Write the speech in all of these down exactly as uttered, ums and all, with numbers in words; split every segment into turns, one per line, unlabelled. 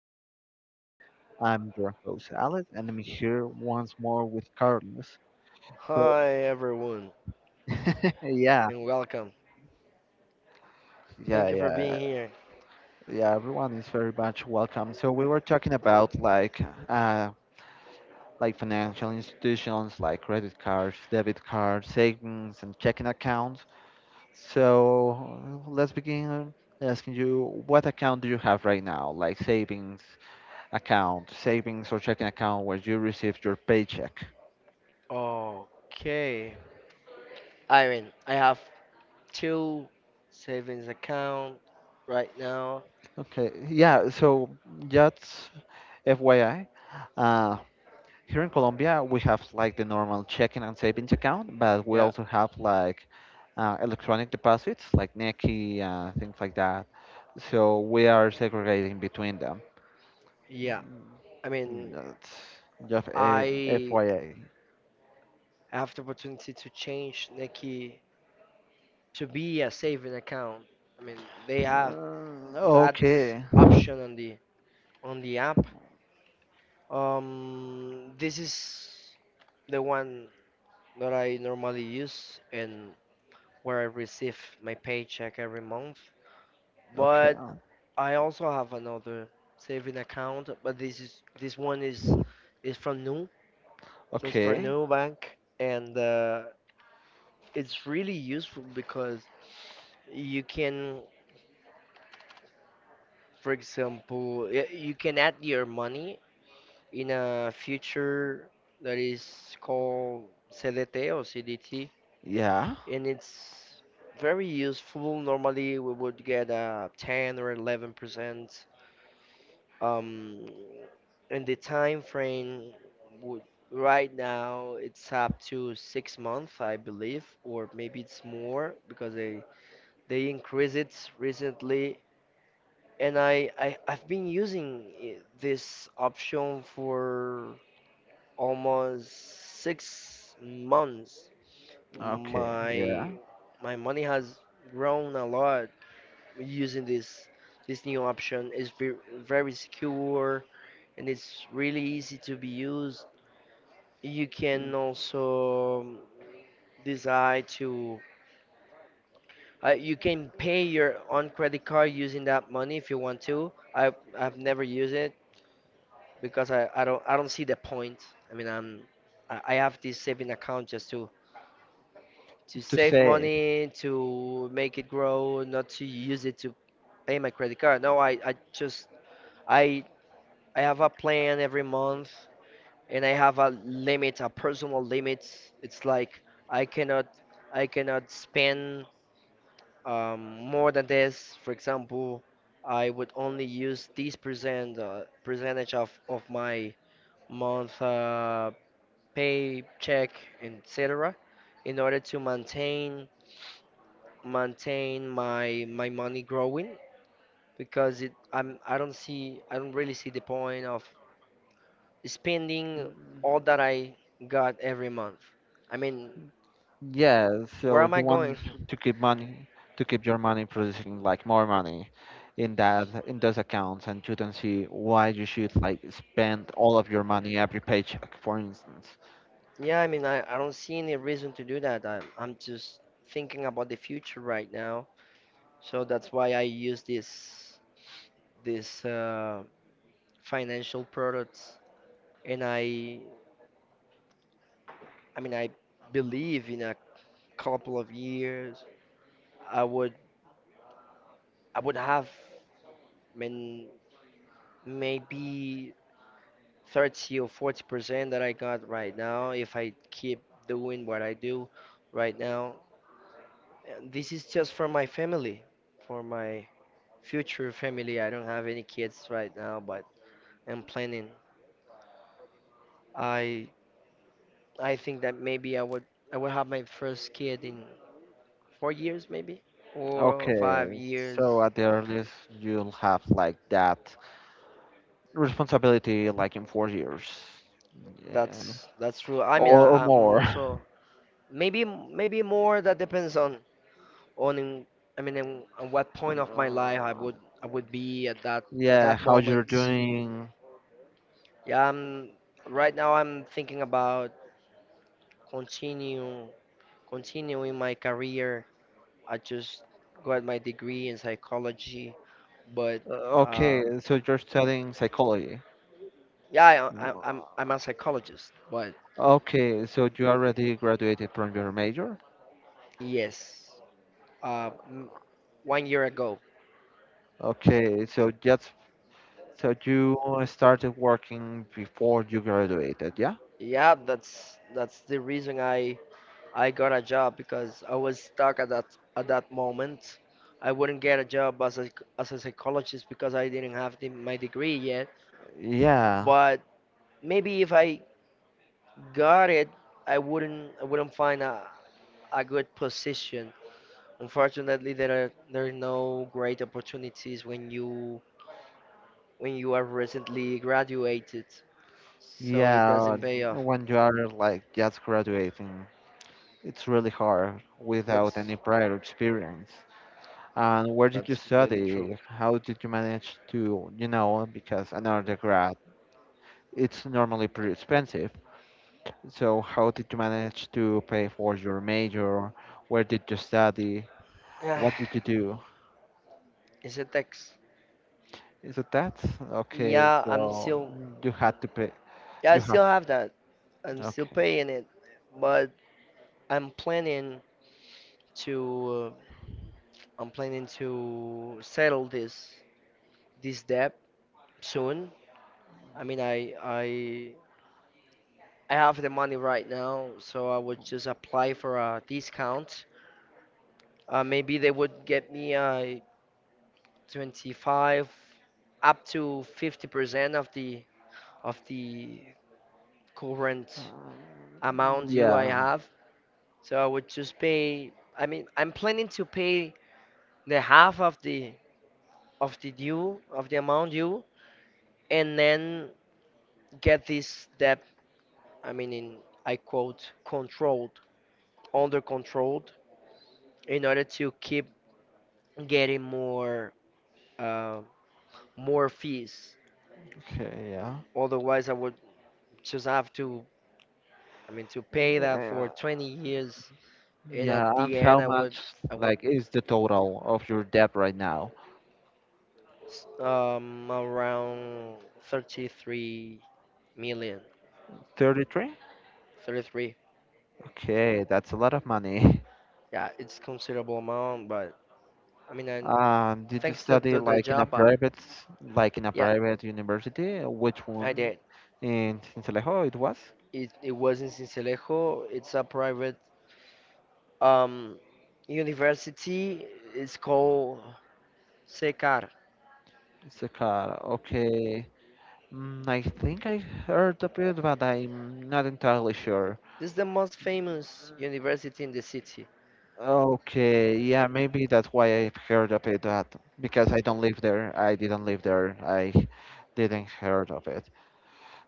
our podcast. I'm your host, Alex, and I'm here once more with Carlos. So,
Hi everyone
yeah,
and welcome.
yeah,
Thank you for
yeah,
being here.
yeah, everyone is very much welcome. So, we were talking about like, uh, like financial institutions like credit cards, debit cards, savings, and checking accounts. So, let's begin asking you what account do you have right now? Like savings account, savings or checking account where you receive your paycheck?
Okay. Irene, I have two savings account right now.
Okay, yeah, so just F Y I, uh, here in Colombia, we have like the normal checking and savings account, but we
Yeah,
also have like uh, electronic deposits like Nequi, uh, things like that. So we are segregating between them.
yeah. I mean,
That's just a F
I have the opportunity to change Nikki to be a saving account. I mean, they
Y
have
I. Uh,
that
okay,
option on the on the app. Um, this is the one that I normally use and where I receive my paycheck every month.
okay,
But I also have another saving account, but this is this one is is from Nu, so it's from
okay,
Nu Bank, and uh, it's really useful because you can, for example, y- you can add your money in a future that is called C D T or C D T,
yeah,
and it's very useful. Normally, we would get a ten or eleven percent. Um, and the time frame would right now it's up to six months, I believe, or maybe it's more because they they increase it recently. And I, I I've been using i- this option for almost six months.
okay, yeah.
My my money has grown a lot using this this new option. It's very, very secure and it's really easy to be used. You can also um, decide to uh, you can pay your own credit card using that money if you want to. I I've never used it because I, I don't I don't see the point. I mean I'm I I have this saving account just to to
To
save
say.
money, to make it grow, not to use it to pay my credit card. No, I, I just I I have a plan every month and I have a limit, a personal limit. It's like I cannot I cannot spend um, more than this. For example, I would only use this percent uh, percentage of, of my month uh, paycheck, et cetera, in order to maintain maintain my my money growing because it I'm I don't see I don't really see the point of spending all that I got every month. I mean,
Yeah,
where
so
am I
you
going?
want to keep money, to keep your money producing like more money in that in those accounts, and you don't see why you should like spend all of your money every paycheck, for instance.
Yeah, I mean I, I don't see any reason to do that. I'm I'm just thinking about the future right now. So that's why I use this this uh, financial products. And I I mean I believe in a couple of years I would I would have I mean, maybe thirty or forty percent that I got right now, if I keep doing what I do right now. And this is just for my family, for my future family. I don't have any kids right now, but I'm planning. I I think that maybe I would I would have my first kid in four years, maybe four or five
Okay,
years.
so at the earliest you'll have like that responsibility like in four years, yeah,
That's that's true. I mean,
or, or
I, I'm
more. Uh,
also maybe maybe more. That depends on on in, I mean, in, on what point of my life I would I would be at that at
Yeah,
that
how you're
moment.
doing.
Yeah, I'm right now. I'm thinking about continue continuing my career. I just got my degree in psychology, but
Uh, Okay,
um,
so you're studying psychology.
yeah, I, I, I'm I'm a psychologist. But
Okay, so you already graduated from your major?
yes, uh, m- one year ago.
Okay, so just so you started working before you graduated, yeah?
Yeah, that's that's the reason I I got a job because I was stuck at that at that moment. I wouldn't get a job as a as a psychologist because I didn't have the, my degree yet.
Yeah,
But maybe if I got it, I wouldn't I wouldn't find a, a good position. Unfortunately, there are there are no great opportunities when you when you are recently graduated, so it
yeah.
doesn't pay off.
When you are like just graduating, it's really hard without
That's
any prior experience. And where did you
that's completely true.
study? How did you manage to, you know, because an undergrad, it's normally pretty expensive. So how did you manage to pay for your major? Where did you study? What did you do?
It's a text.
Is it that? Okay,
Yeah, I'm
so
still,
you had to pay.
I
You have
still
to.
have that. I'm still
Okay.
paying it, but I'm planning to, uh, I'm planning to settle this this debt soon. I mean, I I I have the money right now, so I would just apply for a discount. Uh, maybe they would get me a twenty-five up to fifty percent of the of the current
Um,
amount due I
yeah.
have. So I would just pay. I mean, I'm planning to pay the half of the of the due of the amount due, and then get this debt. I mean, in I quote controlled, Under controlled, in order to keep getting more uh, more fees.
Okay. Yeah.
Otherwise, I would just have to. I mean, to pay that for
Yeah.
twenty years, and
Yeah.
at
And
the end,
how
I would
much,
I would
like, is the total of your debt right now?
s- um around thirty-three million.
thirty-three?
thirty-three.
Okay, that's a lot of money.
Yeah, it's considerable amount, but I mean, and
Um, did you
thanks to,
study
to the
like in a
job, uh,
private, s- like in a
yeah,
private university? Which
I
one?
did.
In Sincelejo, it was?
It it was in Sincelejo. It's a private um university. It's called S E C A R.
It's a car. Okay. Mm, I think I heard of it, but I'm not entirely sure.
This is the most famous university in the city.
Okay, yeah, maybe that's why I've heard of it, but because I don't live there, I didn't live there, I didn't heard of it.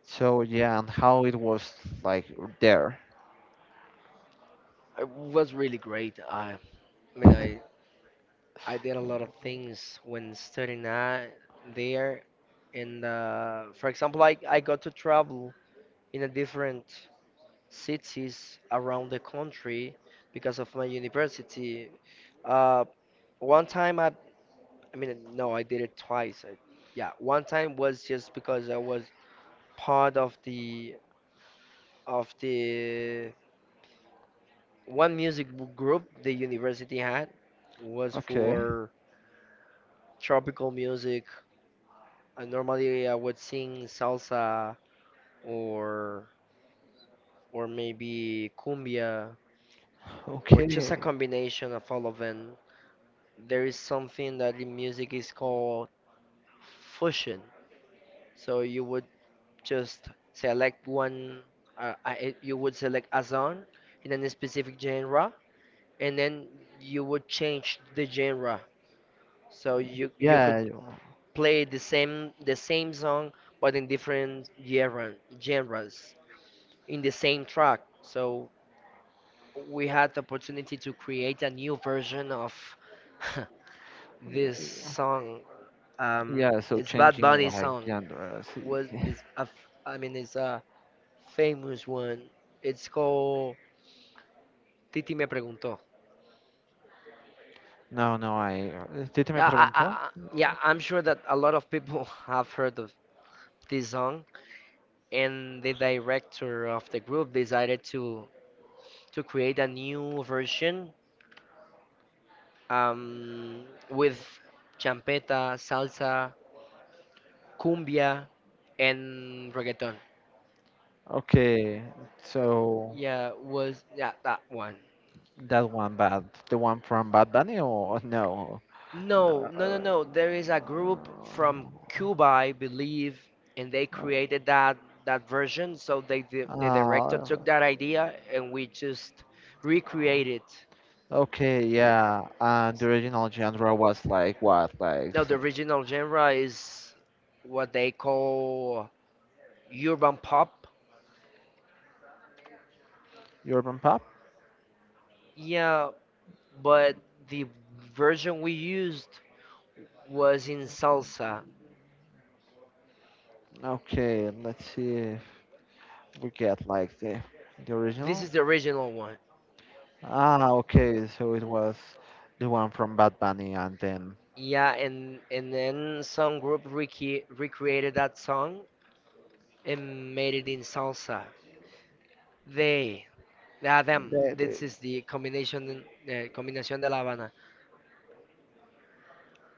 So yeah, and how it was like there.
It was really great. I, I mean, I I did a lot of things when studying at there. And uh, for example, I I got to travel in a different cities around the country because of my university. Uh, one time I, I mean, no, I did it twice. I, yeah, one time was just because I was part of the of the one music b- group the university had was
Okay,
for tropical music. Uh, normally I would sing salsa or or maybe cumbia or
okay,
just a combination of all of them. There is something that in music is called fusion. So you would just select one, uh, uh, it- you would select a song in a specific genre, and then you would change the genre. So you you could
yeah, you-
play the same the same song but in different genre, genres in the same track. So we had the opportunity to create a new version of this
yeah,
song. Um,
yeah, so
it's Bad
changing
Bunny
like
song.
genders.
Was is a f- I mean it's a famous one. It's called Titi Me Preguntó.
No, no, I. ¿Sí te me
Yeah, I, I,
preguntó?
I- yeah, I'm sure that a lot of people have heard of this song, and the director of the group decided to to create a new version um, with champeta, salsa, cumbia, and reggaeton.
Okay, so.
Yeah, was yeah, that one.
That one, but the one from Bad Bunny or no?
No, no, no,
Uh,
no. There is a group from Cuba, I believe, and they created that that version. So they di- the director
uh,
took that idea and we just recreate it.
okay, yeah. And the original genre was like what, like
Now
s-
the original genre is what they call urban pop.
urban pop?
Yeah, but the version we used was in salsa.
Okay, let's see if we get like the the
This
original.
is the original one.
Ah, okay, so it was the one from Bad Bunny and then
Yeah, and and then some group rec recreated that song and made it in salsa. They, ah, Them.
the,
This
the
is the combination, the combinación de La Habana.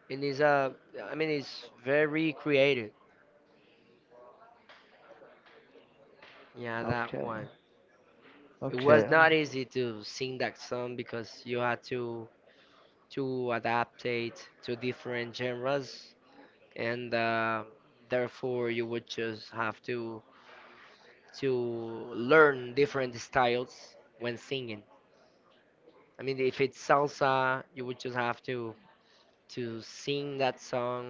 And it's a, I mean, it's very creative. Yeah, that
okay,
one. It
okay.
was not easy to sing that song because you had to to adapt it to different genres, and uh, therefore you would just have to to learn different styles when singing. I mean, if it's salsa, you would just have to to sing that song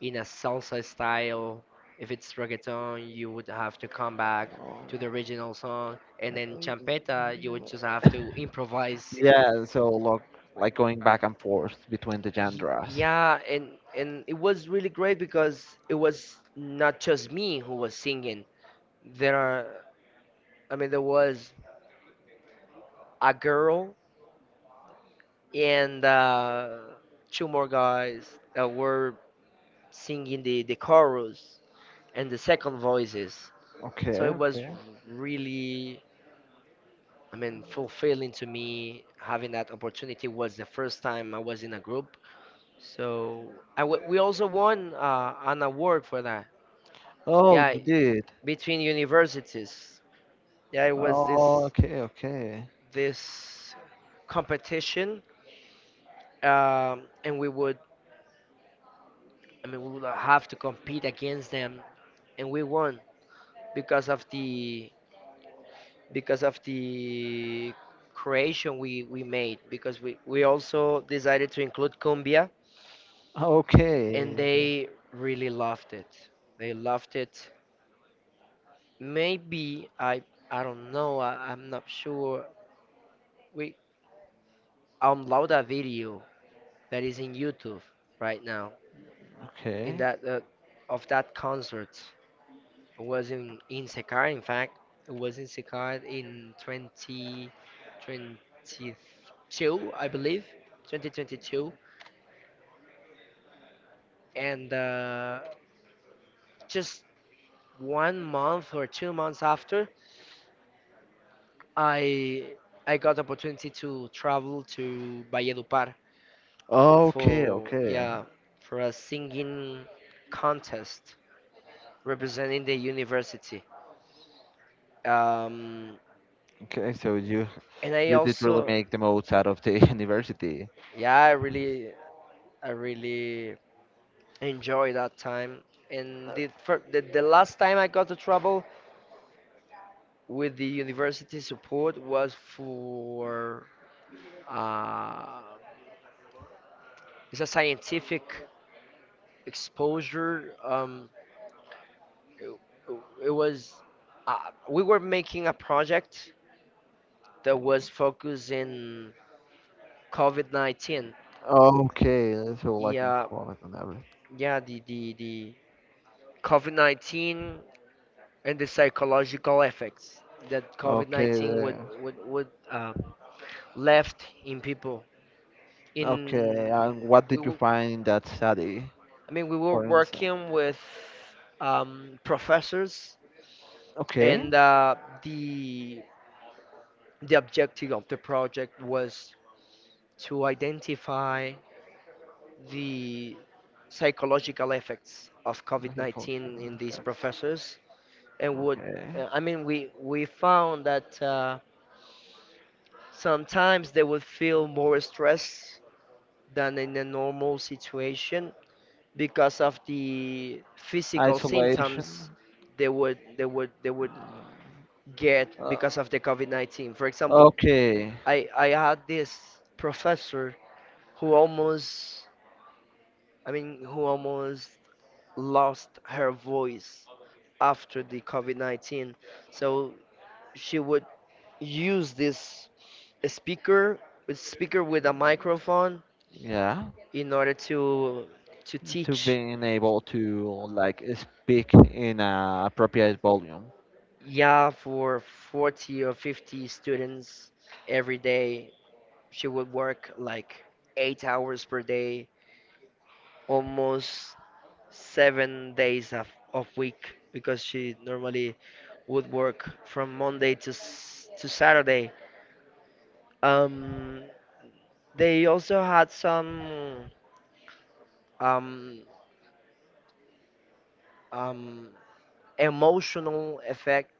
in a salsa style. If it's reggaeton, you would have to come back to the original song, and then champeta, you would
um,
just have to improvise.
Yeah, so look, like going back and forth between the
Y-
genres.
Yeah, and and it was really great because it was not just me who was singing. There are, I mean, there was a girl and uh, two more guys that were singing the the chorus and the second voices.
Okay,
So it was
okay.
really, I mean, fulfilling to me. Having that opportunity was the first time I was in a group. So I w we also won uh, an award for that.
Oh,
Yeah,
you did.
between universities. Yeah, it was
Oh,
this
okay, okay.
this competition, um, and we would, I mean, we would have to compete against them, and we won because of the because of the creation we, we made because we, we also decided to include cumbia and
Okay. so-
they really loved it, they loved it. Maybe I I don't know I, I'm not sure. We upload a video that is in YouTube right now in
Okay.
that uh, of that concert. It was in, in Sekai, in fact. It was in Sekai in twenty twenty-two, I believe. twenty twenty-two. And uh, just one month or two months after, I I got the opportunity to travel to Valledupar
Okay,
for,
okay.
yeah, for a singing contest representing the university. Um,
Okay, so you
and I
you did really
also,
make the most out of the university.
yeah, I really, I really enjoy that time. And the, fir- the the last time I got to travel with the university support was for uh, it's a scientific exposure. Um, it, it was uh, we were making a project that was focused in COVID nineteen.
Okay, so like in
Yeah,
college and everything.
yeah, the the the COVID nineteen and the psychological effects that
Okay,
COVID nineteen would
the,
would would um, left in people.
okay,
In
and what
we,
did you
w-
find in that study,
I mean, we were
for instance?
working with um, professors,
Okay.
and uh, the the objective of the project was to identify the psychological effects of
That's a culture.
COVID nineteen in these
that's-
professors, and would
Okay.
uh, I mean, we we found that uh, sometimes they would feel more stress than in a normal situation because of the physical
Isolation.
symptoms they would they would they would get
Uh,
because of the COVID nineteen. For example,
okay.
I I had this professor who almost I mean who almost lost her voice after the COVID nineteen. So she would use this speaker a speaker with a microphone
Yeah.
in order to to
To
teach.
being able to like speak in a appropriate volume.
Yeah, for forty or fifty students every day, she would work like eight hours per day, almost seven days of, of week, because she normally would work from Monday to, s- to Saturday. Um, they also had some um, um, emotional effect,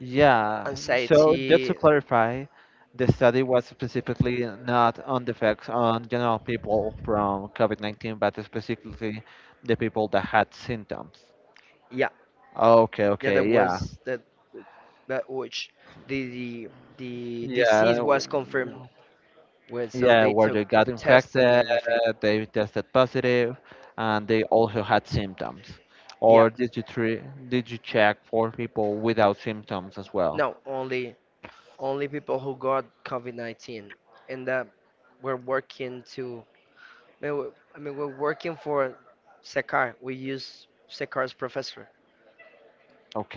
Yeah. So just to
anxiety.
clarify, the study was specifically not on the effects on general people from COVID nineteen, but specifically the people that had symptoms.
Yeah,
Okay.
yeah,
Okay.
that
Yeah.
was that that which the the the
Yeah. That
disease
w-
was confirmed
yeah.
with, so
Yeah,
they
where
took
they got
tests and
infected,
everything.
they tested positive, and they also had symptoms.
Yeah,
Or did you tre did you check for people without symptoms as well?
no, only only people who got COVID nineteen and that we're working to. I mean, we- I mean, we're working for Sekar. We use Sekar's professor.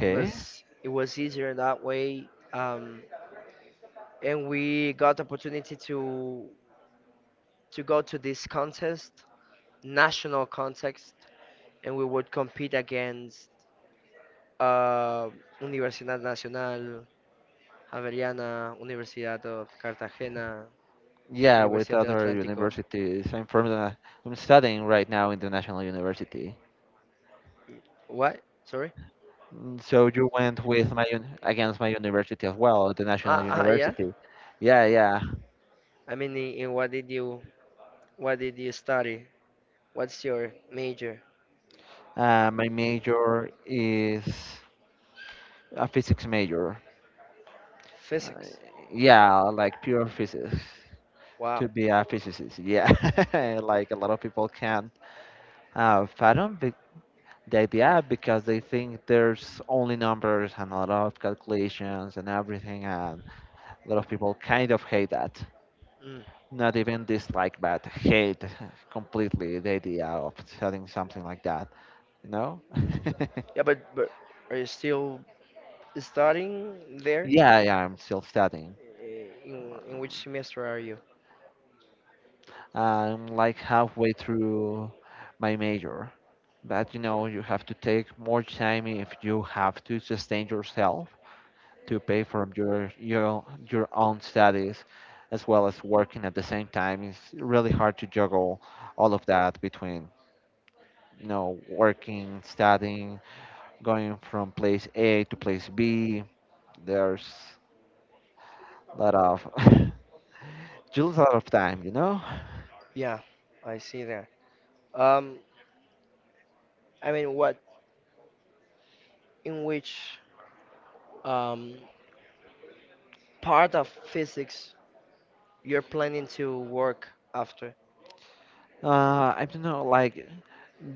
It was it was easier that way, um, and we got the opportunity to to go to this contest, national context, and we would compete against uh, Universidad Nacional, Javeriana, Universidad of Cartagena,
Yeah, with
Universidad del
other
Atlántico.
universities. I'm from the, I'm studying right now in the National University.
What? Sorry?
Mm, So you went with my un against my university as well, the National
Ah, ah, yeah.
University. Yeah, yeah.
I mean, in, in what did you what did you study? What's your major?
Uh, my major is a physics major. Uh,
Physics.
yeah, like pure physics.
Wow.
To be a physicist. Yeah, like a lot of people can't uh, fathom the the idea because they think there's only numbers and a lot of calculations and everything, and a lot of people kind of hate that.
Mm.
Not even dislike, but hate completely the idea of studying something like that. You know?
Yeah, but but are you still studying there?
yeah, yeah, I'm still studying.
Eh, In in which semester are you?
I'm like halfway through my major. But you
Okay.
know, you have to take more time if you have to sustain yourself to pay for your your your own studies as well as working at the same time. It's really hard to juggle all of that between, you know, working, studying, going from place A to place B. There's a lot of just a lot of time, you know?
Yeah, I see that. Um, I mean, what in which um, part of physics you're planning to work after?
Uh, I don't know, like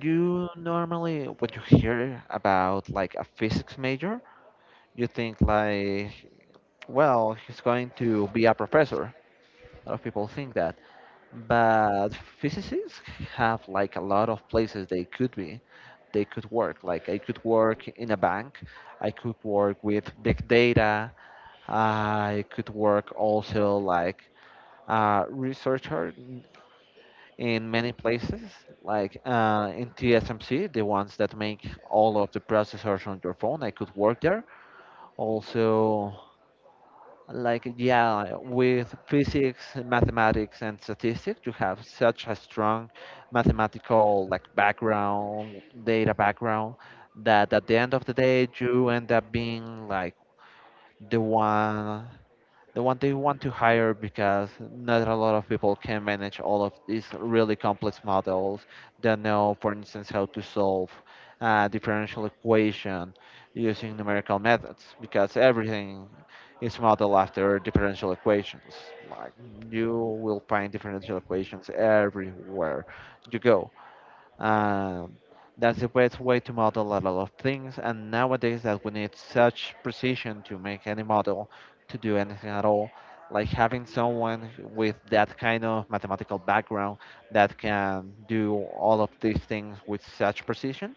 you normally what you hear about like a physics major, you think like well, he's going to be a professor. A lot of people think that. But physicists have like a lot of places they could be. They could work. Like I could work in a bank. I could work with big data. I could work also like a researcher in many places, like uh, in T S M C, the ones that make all of the processors on your phone. I could work there. Also, like, yeah, with physics, mathematics, and statistics, you have such a strong mathematical like background, data background, that at the end of the day, you end up being like the one the one they want to hire because not a lot of people can manage all of these really complex models that know, for instance, how to solve a differential equation using numerical methods because everything is modeled after differential equations. Like you will find differential equations everywhere you go. Uh, that's the best way to model a lot of things. And nowadays, that we need such precision to make any model to do anything at all, like having someone with that kind of mathematical background that can do all of these things with such precision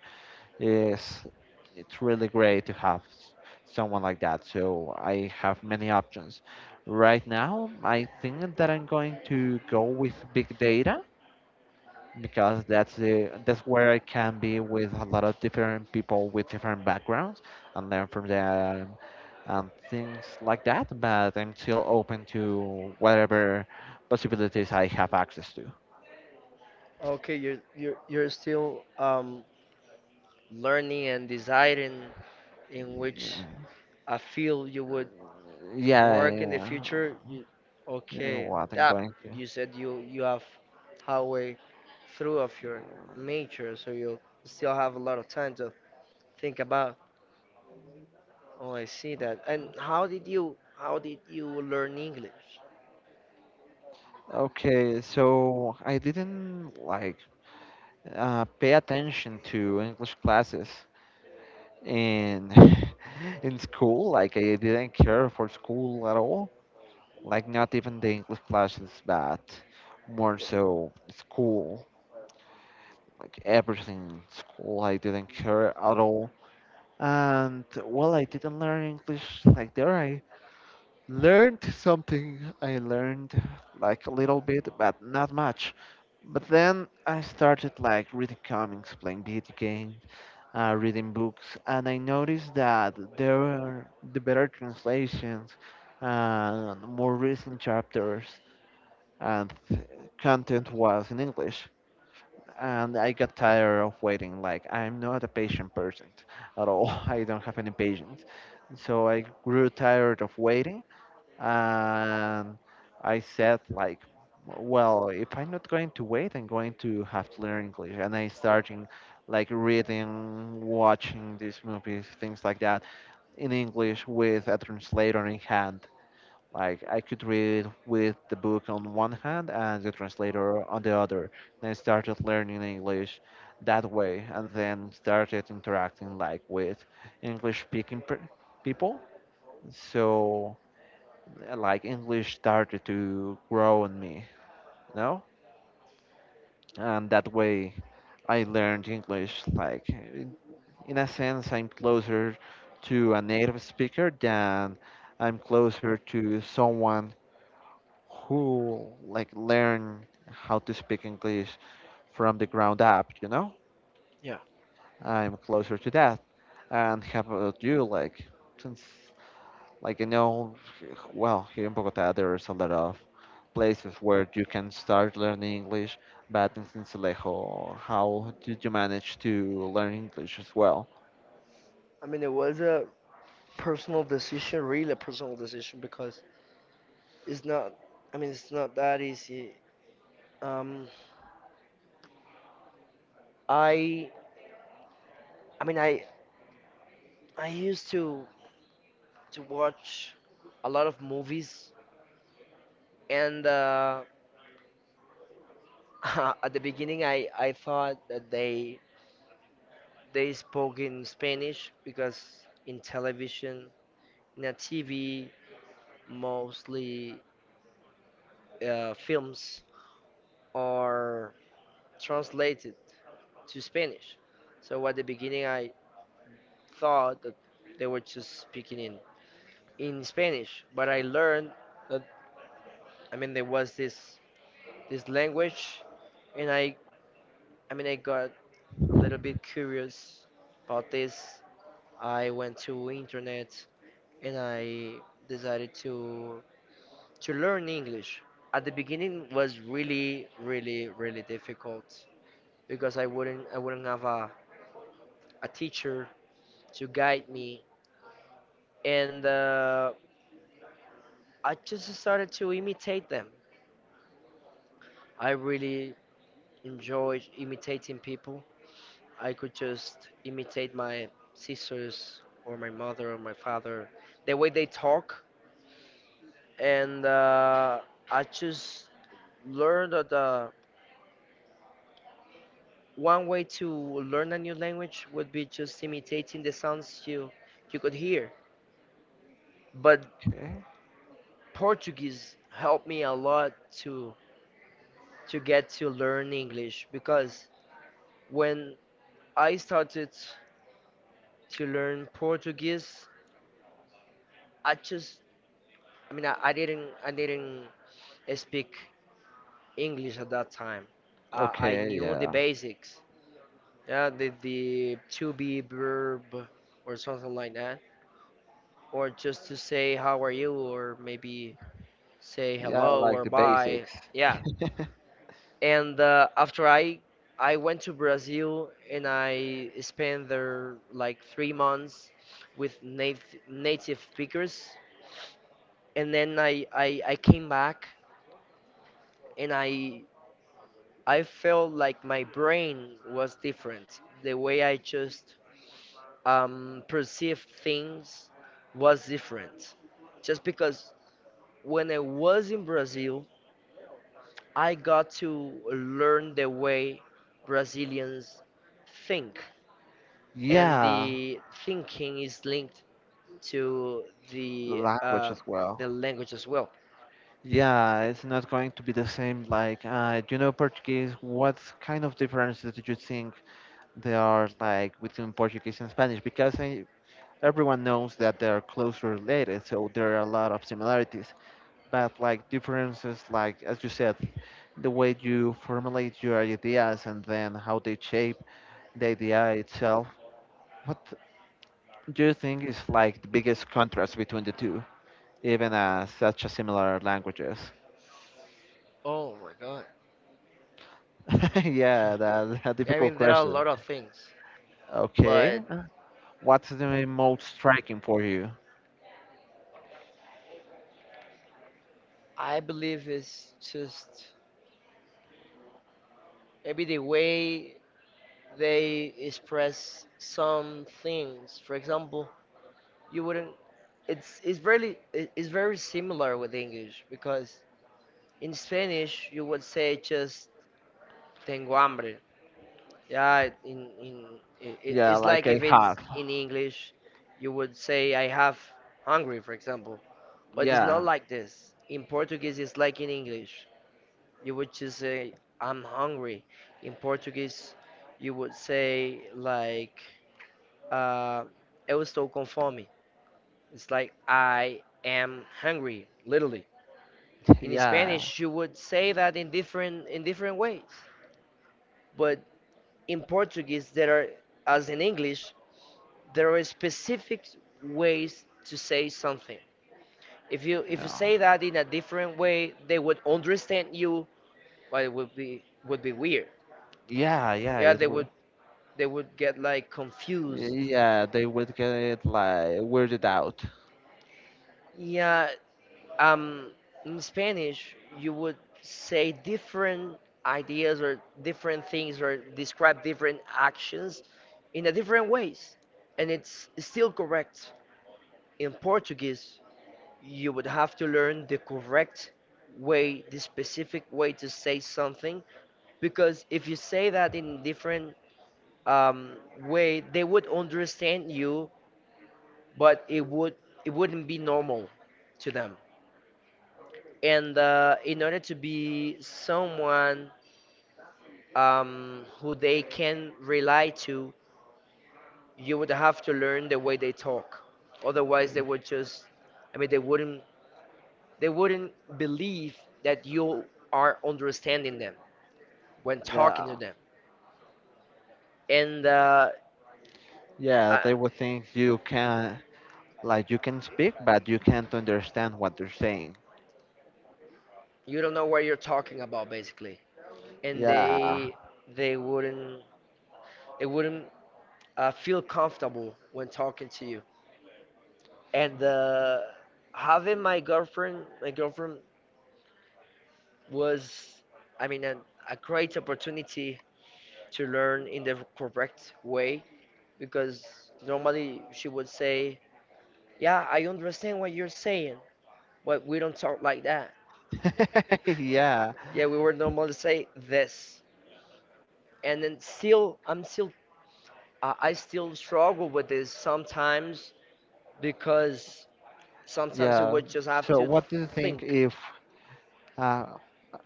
is it's really great to have s- someone like that. So I have many options. Right now, I think that I'm going to go with big data because that's the that's where I can be with a lot of different people with different backgrounds and learn from them and things like that. But I'm still open to whatever possibilities I have access to.
Okay, you're you're you're still um, learning and deciding in which
Yeah,
a field you would
yeah,
work in the
yeah.
future. You,
Yeah,
okay,
what I'm
yeah,
going to.
you said you you have halfway through of your major, so you still have a lot of time to think about. Oh, I see that. And how did you how did you learn English?
Okay, so I didn't like uh, pay attention to English classes in in school. Like I didn't care for school at all. Like not even the English class is bad. More so school. Like everything school, I didn't care at all. And well, I didn't learn English like there. I learned something. I learned like a little bit, but not much. But then I started like reading comics, playing video games, uh, reading books, and I noticed that there were the better translations uh, and more recent chapters. And content was in English. And I got tired of waiting. Like I'm not a patient person at all. I don't have any patience. So I grew tired of waiting, and I said like, well, if I'm not going to wait, I'm going to have to learn English. And I started, like reading, watching these movies, things like that in English with a translator in hand. Like I could read with the book on one hand and the translator on the other. Then I started learning English that way, and then started interacting like with English-speaking per- people. So uh, like English started to grow in me, you know? And that way I learned English like in in a sense I'm closer to a native speaker than I'm closer to someone who like learn how to speak English from the ground up, you know?
Yeah,
I'm closer to that. And how about you? Like, since, like, you know, well, here in Bogota, there's a lot of places where you can start learning English, but in Sincelejo, how did you manage to learn English as well?
I mean, it was a personal decision, really a personal decision, because it's not, I mean, it's not that easy. Um, I, I mean, I, I used to to watch a lot of movies, and uh, at the beginning, I, I thought that they they spoke in Spanish because in television, in a T V, mostly uh, films are translated to Spanish. So at the beginning, I thought that they were just speaking in, in Spanish, but I learned that I mean there was this this language, and I I mean I got a little bit curious about this. I went to internet and I decided to to learn English. At the beginning was really really really difficult because I wouldn't I wouldn't have a, a teacher to guide me and uh, I just started to imitate them. I really enjoyed imitating people. I could just imitate my sisters or my mother or my father, the way they talk, and uh, I just learned that uh, one way to learn a new language would be just imitating the sounds you you could hear. But
Okay.
Portuguese helped me a lot to to get to learn English because when I started to learn Portuguese. I just, I mean, I, I didn't, I didn't speak English at that time. Uh, I
Okay,
knew the
yeah.
basics, yeah, the the to be verb or something like that, or just to say how are you, or maybe say
Yeah,
hello
like
or
the
bye,
basics.
yeah. And uh, after I, I went to Brazil and I spent there like three months with native native speakers and then I, I I came back and I I felt like my brain was different. The way I just um, perceived things was different. Just because when I was in Brazil, I got to learn the way Brazilians think, and
Yeah,
the thinking is linked to the
language
uh,
as well.
the language as well.
Yeah, it's not going to be the same. Like, uh, do you know Portuguese? What kind of differences do you think there are like between Portuguese and Spanish? Because I, everyone knows that they are closely related, so there are a lot of similarities. But like differences, like as you said, the way you formulate your ideas and then how they shape the idea itself. What do you think is like the biggest contrast between the two, even as such a similar languages?
Oh my god.
Yeah, that's a
I
difficult
mean, there are a
question.
lot of things,
Okay.
but
What's the most striking for you?
I believe it's just maybe the way they express some things. For example, you wouldn't. It's it's really it- it's very similar with English because in Spanish you would say just tengo hambre. Yeah, in in it, it-
Yeah,
it's
like
like
I
if
have.
it's in English you would say I have hungry, for example. But it's not
Yeah,
like this. In Portuguese, it's like in English. You would just say, I'm hungry. In Portuguese, you would say, like, uh, eu estou com fome. It's like, I am hungry, literally. In
yeah,
Spanish, you would say that in different, in different ways. But in Portuguese, there are, as in English, there are specific ways to say something. If you if you
yeah,
say that in a different way, they would understand you, but it would be would be weird.
yeah, yeah.
Yeah,
It
they
would.
would they would get like confused.
Yeah, they would get it like weirded out.
Yeah, um, in Spanish, you would say different ideas or different things or describe different actions in a different ways, and it's still correct. In Portuguese, you would have to learn the correct way, the specific way to say something, because if you say that in different um, way, they would understand you but it would it wouldn't be normal to them. And uh, in order to be someone um, who they can rely to, you would have to learn the way they talk. Otherwise, they would just, I mean, they wouldn't they wouldn't believe that you are understanding them when talking to
Yeah,
them. And uh,
yeah,
uh,
they would think you can like you can speak, but you can't understand what they're saying.
you don't know what you're talking about basically. And
Yeah,
they they wouldn't they wouldn't uh, feel comfortable when talking to you. And uh, having my girlfriend my girlfriend was i mean an, a great opportunity to learn in the correct way because normally she would say yeah I understand what you're saying but we don't talk like that,
yeah,
yeah we would normally say this. And then still I'm still uh, I still struggle with this sometimes because sometimes you
yeah.
would just have
So,
to
what do you think
think.
if Uh,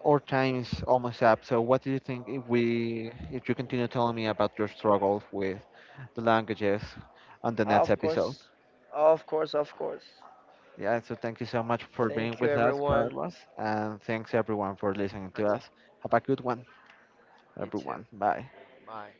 our time is almost up. So, what do you think if we, if you continue telling me about your struggle with the languages on the next
Of
episode?
course, of course of course
Yeah. So, thank you so much for being
Thank you,
with us,
everyone.
Carlos, and thanks everyone for listening to
And
us. Have a good one,
you too.
everyone. Bye.
Bye.